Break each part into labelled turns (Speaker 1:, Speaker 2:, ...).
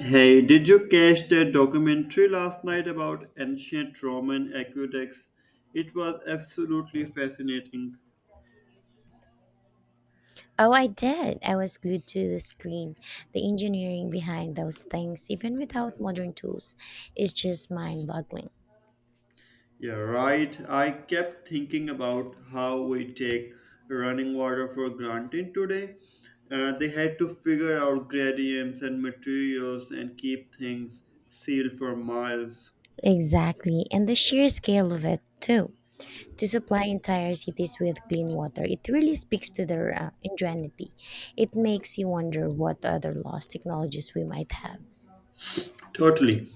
Speaker 1: Hey, did you catch that documentary last night about ancient Roman aqueducts? It was absolutely fascinating.
Speaker 2: Oh, I did. I was glued to the screen. The engineering behind those things, even without modern tools, is just mind boggling.
Speaker 1: Yeah, right. I kept thinking about how we take running water for granted today. They had to figure out gradients and materials and keep things sealed for miles.
Speaker 2: Exactly. And the sheer scale of it, too. To supply entire cities with clean water, it really speaks to their ingenuity. It makes you wonder what other lost technologies we might have.
Speaker 1: Totally.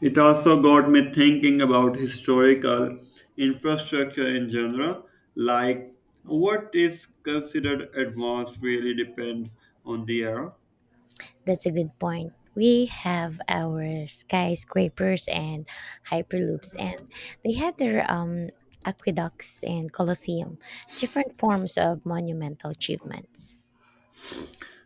Speaker 1: It also got me thinking about historical infrastructure in general, like what is considered advanced really depends on the era.
Speaker 2: That's a good point. We have our skyscrapers and hyperloops, and they had their aqueducts and colosseum, different forms of monumental achievements.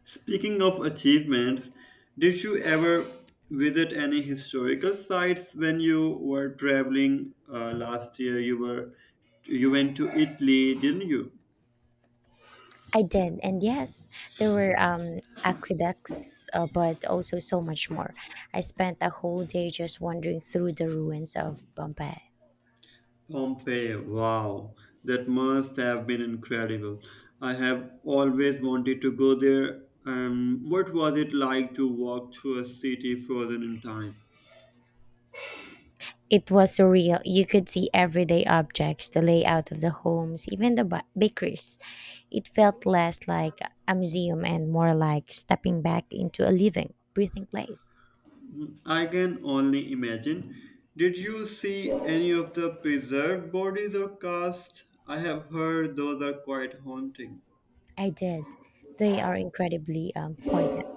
Speaker 1: Speaking of achievements, did you ever visit any historical sites when you were traveling last year? You were you went to Italy, didn't you?
Speaker 2: I did, and yes, there were aqueducts, but also so much more. I spent a whole day just wandering through the ruins of Pompeii.
Speaker 1: Pompeii, wow, that must have been incredible. I have always wanted to go there. And what was it like to walk through a city frozen in time?
Speaker 2: It was surreal. You could see everyday objects, the layout of the homes, even the bakeries. It felt less like a museum and more like stepping back into a living, breathing place.
Speaker 1: I can only imagine. Did you see any of the preserved bodies or casts? I have heard those are quite haunting.
Speaker 2: I did. They are incredibly poignant.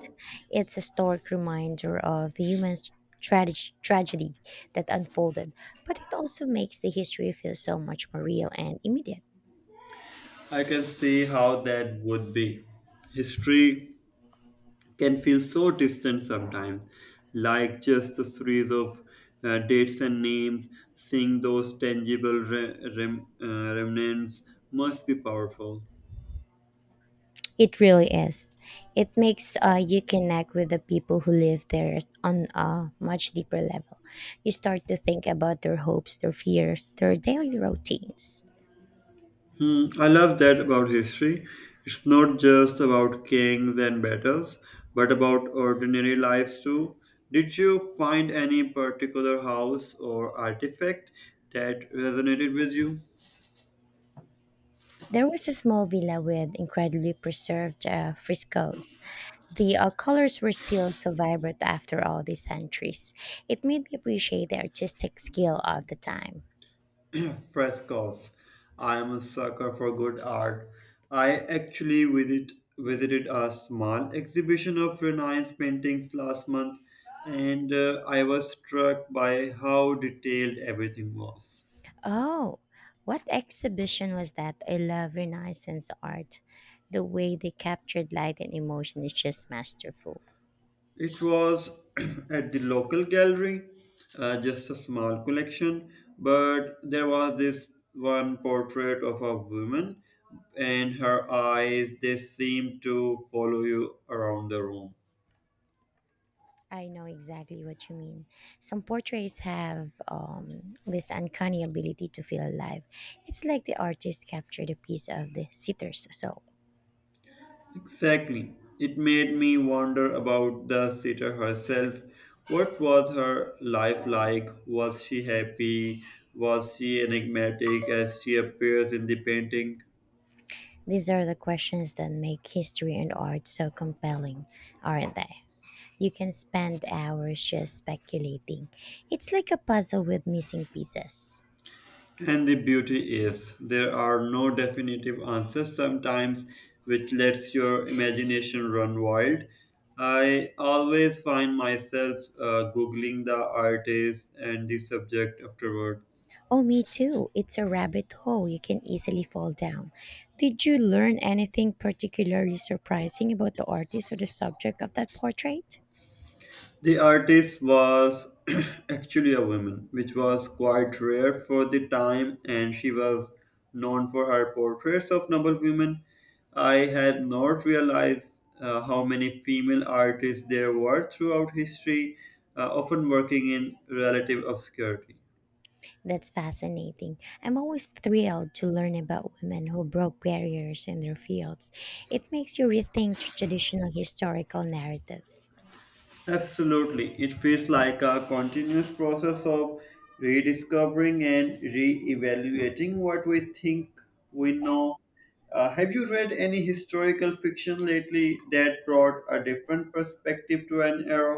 Speaker 2: It's a stark reminder of the human tragedy that unfolded, but it also makes the history feel so much more real and immediate.
Speaker 1: I can see how that would be. History can feel so distant sometimes, like just a series of dates and names. Seeing those tangible remnants must be powerful.
Speaker 2: It really is. It makes you connect with the people who live there on a much deeper level. You start to think about their hopes, their fears, their daily routines.
Speaker 1: Hmm, I love that about history. It's not just about kings and battles, but about ordinary lives too. Did you find any particular house or artifact that resonated with you?
Speaker 2: There was a small villa with incredibly preserved frescoes. The colors were still so vibrant after all these centuries. It made me appreciate the artistic skill of the time.
Speaker 1: Frescoes. I am a sucker for good art. I actually visited a small exhibition of Renaissance paintings last month, and I was struck by how detailed everything was.
Speaker 2: Oh, what exhibition was that? I love Renaissance art. The way they captured light and emotion is just masterful.
Speaker 1: It was at the local gallery, just a small collection, but there was this one portrait of a woman, and her eyes, they seemed to follow you around the room.
Speaker 2: I know exactly what you mean. Some portraits have this uncanny ability to feel alive. It's like the artist captured a piece of the sitter's soul.
Speaker 1: Exactly. It made me wonder about the sitter herself. What was her life like? Was she happy? Was she enigmatic as she appears in the painting?
Speaker 2: These are the questions that make history and art so compelling, aren't they? You can spend hours just speculating. It's like a puzzle with missing pieces.
Speaker 1: And the beauty is, there are no definitive answers sometimes, which lets your imagination run wild. I always find myself googling the artist and the subject afterward.
Speaker 2: Oh, me too. It's a rabbit hole you can easily fall down. Did you learn anything particularly surprising about the artist or the subject of that portrait?
Speaker 1: The artist was actually a woman, which was quite rare for the time, and she was known for her portraits of noble women. I had not realized how many female artists there were throughout history, often working in relative obscurity.
Speaker 2: That's fascinating. I'm always thrilled to learn about women who broke barriers in their fields. It makes you rethink traditional historical narratives.
Speaker 1: Absolutely, it feels like a continuous process of rediscovering and re evaluating what we think we know. Have you read any historical fiction lately that brought a different perspective to an era?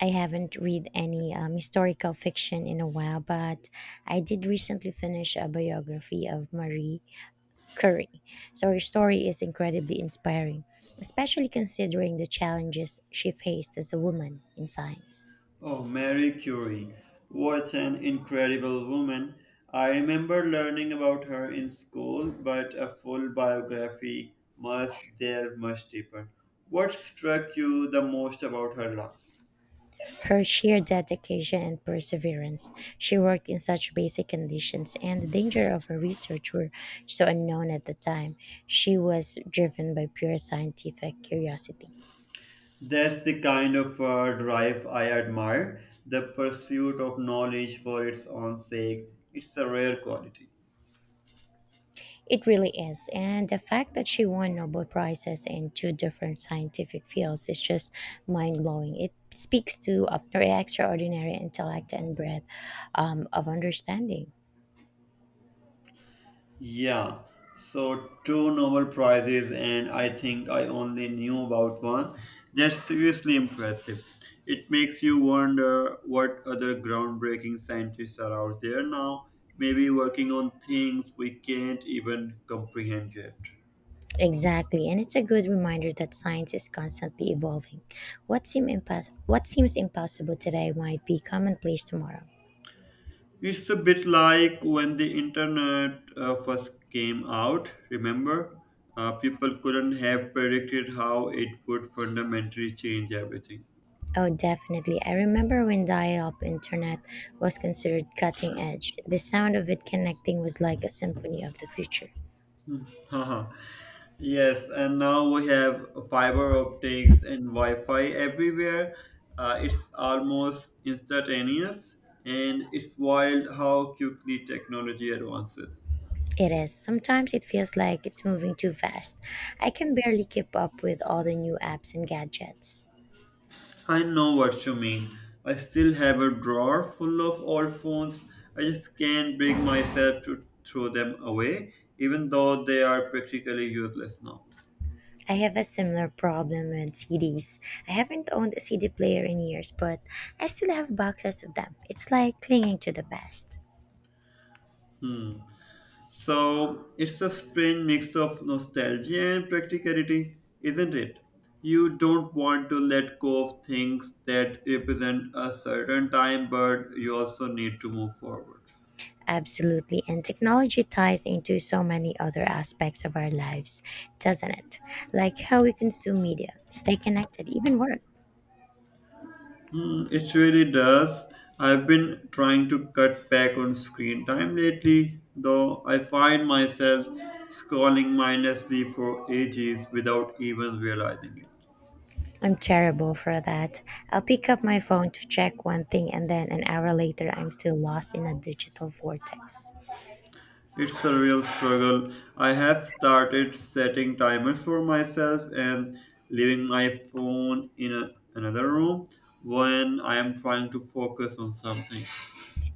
Speaker 2: I haven't read any historical fiction in a while, but I did recently finish a biography of Marie Curie. So her story is incredibly inspiring, especially considering the challenges she faced as a woman in science.
Speaker 1: Oh, Marie Curie. What an incredible woman. I remember learning about her in school, but a full biography must delve much deeper. What struck you the most about her life?
Speaker 2: Her sheer dedication and perseverance, she worked in such basic conditions, and the danger of her research were so unknown at the time. She was driven by pure scientific curiosity.
Speaker 1: That's the kind of drive I admire, the pursuit of knowledge for its own sake. It's a rare quality.
Speaker 2: It really is, and the fact that she won Nobel Prizes in two different scientific fields is just mind blowing. It speaks to her extraordinary intellect and breadth of understanding.
Speaker 1: Yeah, so two Nobel Prizes, and I think I only knew about one. That's seriously impressive. It makes you wonder what other groundbreaking scientists are out there now, maybe working on things we can't even comprehend yet.
Speaker 2: Exactly, and it's a good reminder that science is constantly evolving. What seems impossible today might be commonplace tomorrow.
Speaker 1: It's a bit like when the internet first came out, remember? People couldn't have predicted how it would fundamentally change everything.
Speaker 2: Oh, definitely. I remember when dial up internet was considered cutting edge. The sound of it connecting was like a symphony of the future.
Speaker 1: Haha, yes, and now we have fiber optics and Wi-Fi everywhere. It's almost instantaneous, and it's wild how quickly technology advances.
Speaker 2: It is. Sometimes it feels like it's moving too fast. I can barely keep up with all the new apps and gadgets.
Speaker 1: I know what you mean. I still have a drawer full of old phones. I just can't bring myself to throw them away, even though they are practically useless now.
Speaker 2: I have a similar problem with CDs. I haven't owned a CD player in years, but I still have boxes of them. It's like clinging to the past.
Speaker 1: Hmm. So it's a strange mix of nostalgia and practicality, isn't it? You don't want to let go of things that represent a certain time, but you also need to move forward.
Speaker 2: Absolutely, and technology ties into so many other aspects of our lives, doesn't it? Like how we consume media, stay connected, even work.
Speaker 1: Hmm, it really does. I've been trying to cut back on screen time lately, though I find myself scrolling mindlessly for ages without even realizing it.
Speaker 2: I'm terrible for that. I'll pick up my phone to check one thing, and then an hour later, I'm still lost in a digital vortex.
Speaker 1: It's a real struggle. I have started setting timers for myself and leaving my phone in another room when I am trying to focus on something.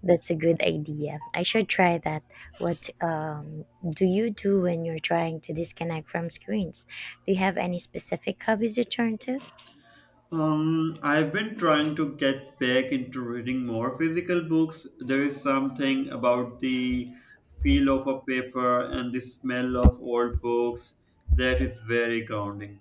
Speaker 2: That's a good idea. I should try that. What do you do when you're trying to disconnect from screens? Do you have any specific hobbies you turn to?
Speaker 1: I've been trying to get back into reading more physical books. There is something about the feel of a paper and the smell of old books that is very grounding.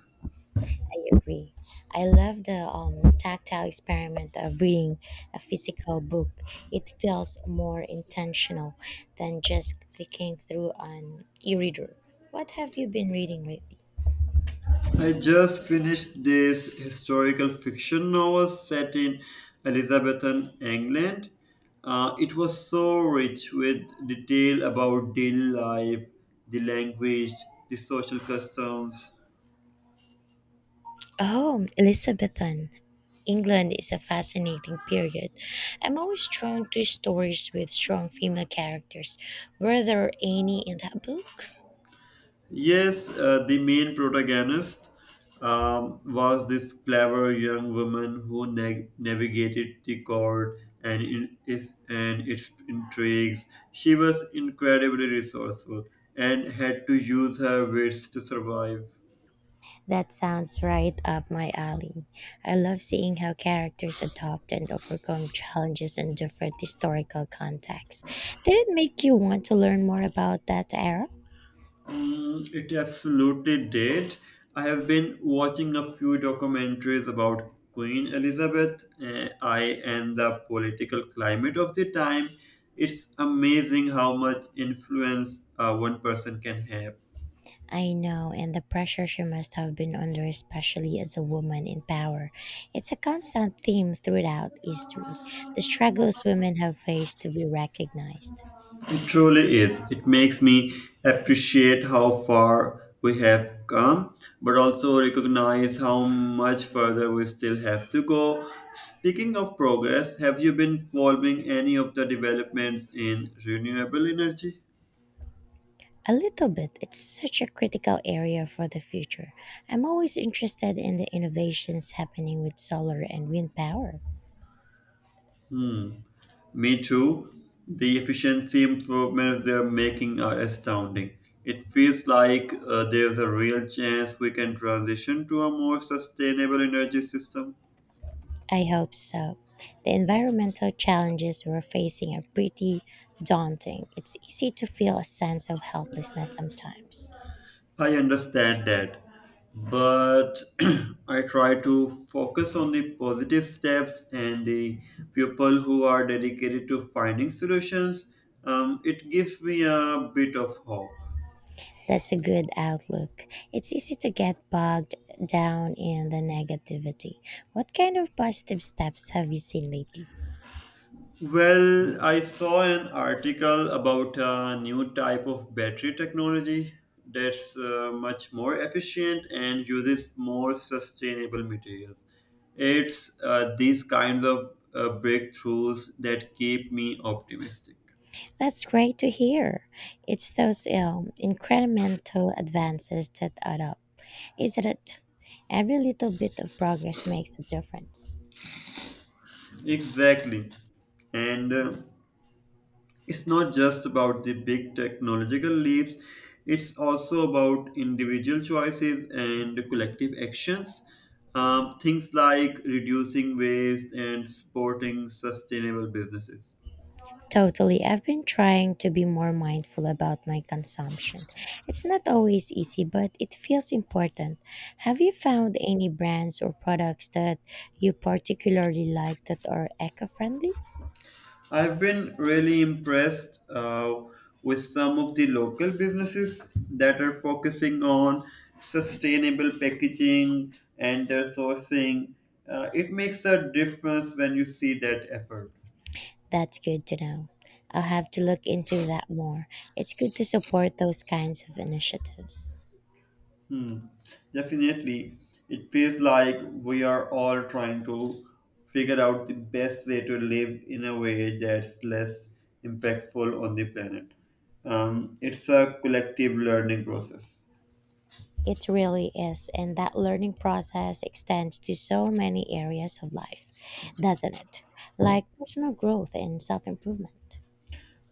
Speaker 2: I agree. I love the tactile experiment of reading a physical book. It feels more intentional than just clicking through an e reader. What have you been reading lately?
Speaker 1: I just finished this historical fiction novel set in Elizabethan England. It was so rich with detail about daily life, the language, the social customs.
Speaker 2: Oh, Elizabethan. England is a fascinating period. I'm always drawn to stories with strong female characters. Were there any in that book?
Speaker 1: Yes, the main protagonist was this clever young woman who navigated the court and in- is and its intrigues. She was incredibly resourceful and had to use her wits to survive.
Speaker 2: That sounds right up my alley. I love seeing how characters adopt and overcome challenges in different historical contexts. Did it make you want to learn more about that era?
Speaker 1: Mm, it absolutely did. I have been watching a few documentaries about Queen Elizabeth I and the political climate of the time. It's amazing how much influence one person can have.
Speaker 2: I know, and the pressure she must have been under, especially as a woman in power. It's a constant theme throughout history the struggles women have faced to be recognized.
Speaker 1: It truly is. It makes me appreciate how far we have come, but also recognize how much further we still have to go. Speaking of progress, have you been following any of the developments in renewable energy?
Speaker 2: A little bit, it's such a critical area for the future. I'm always interested in the innovations happening with solar and wind power.
Speaker 1: Hmm. Me too. The efficiency improvements they're making are astounding. It feels like there's a real chance we can transition to a more sustainable energy system.
Speaker 2: I hope so. The environmental challenges we're facing are pretty daunting. It's easy to feel a sense of helplessness sometimes.
Speaker 1: I understand that, but I try to focus on the positive steps and the people who are dedicated to finding solutions. It gives me a bit of hope.
Speaker 2: That's a good outlook. It's easy to get bogged down in the negativity. What kind of positive steps have you seen lately?
Speaker 1: Well, I saw an article about a new type of battery technology that's much more efficient and uses more sustainable materials. It's these kinds of breakthroughs that keep me optimistic.
Speaker 2: That's great to hear. It's those incremental advances that add up, isn't it? Every little bit of progress makes a difference.
Speaker 1: Exactly. And it's not just about the big technological leaps, it's also about individual choices and collective actions. Things like reducing waste and supporting sustainable businesses.
Speaker 2: Totally. I've been trying to be more mindful about my consumption. It's not always easy, but it feels important. Have you found any brands or products that you particularly like that are eco friendly?
Speaker 1: I've been really impressed with some of the local businesses that are focusing on sustainable packaging and their sourcing. It makes a difference when you see that effort.
Speaker 2: That's good to know. I'll have to look into that more. It's good to support those kinds of initiatives.
Speaker 1: Hmm. Definitely, it feels like we are all trying to figure out the best way to live in a way that's less impactful on the planet. It's a collective learning process.
Speaker 2: It really is, and that learning process extends to so many areas of life, doesn't it? Like personal growth and self improvement.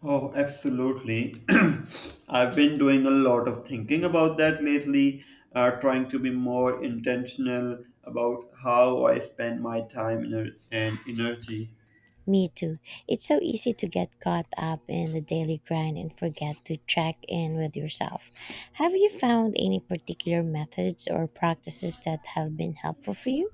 Speaker 1: Oh, absolutely. I've been doing a lot of thinking about that lately, trying to be more intentional about how I spend my time and energy.
Speaker 2: Me too. It's so easy to get caught up in the daily grind and forget to check in with yourself. Have you found any particular methods or practices that have been helpful for you?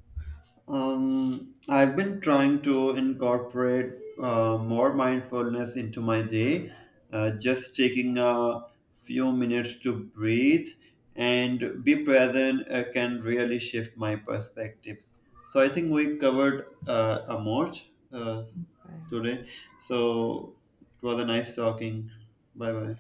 Speaker 1: I've been trying to incorporate more mindfulness into my day, just taking a few minutes to breathe and be present can really shift my perspective. So I think we covered a much today. So it was a nice talking. Bye bye.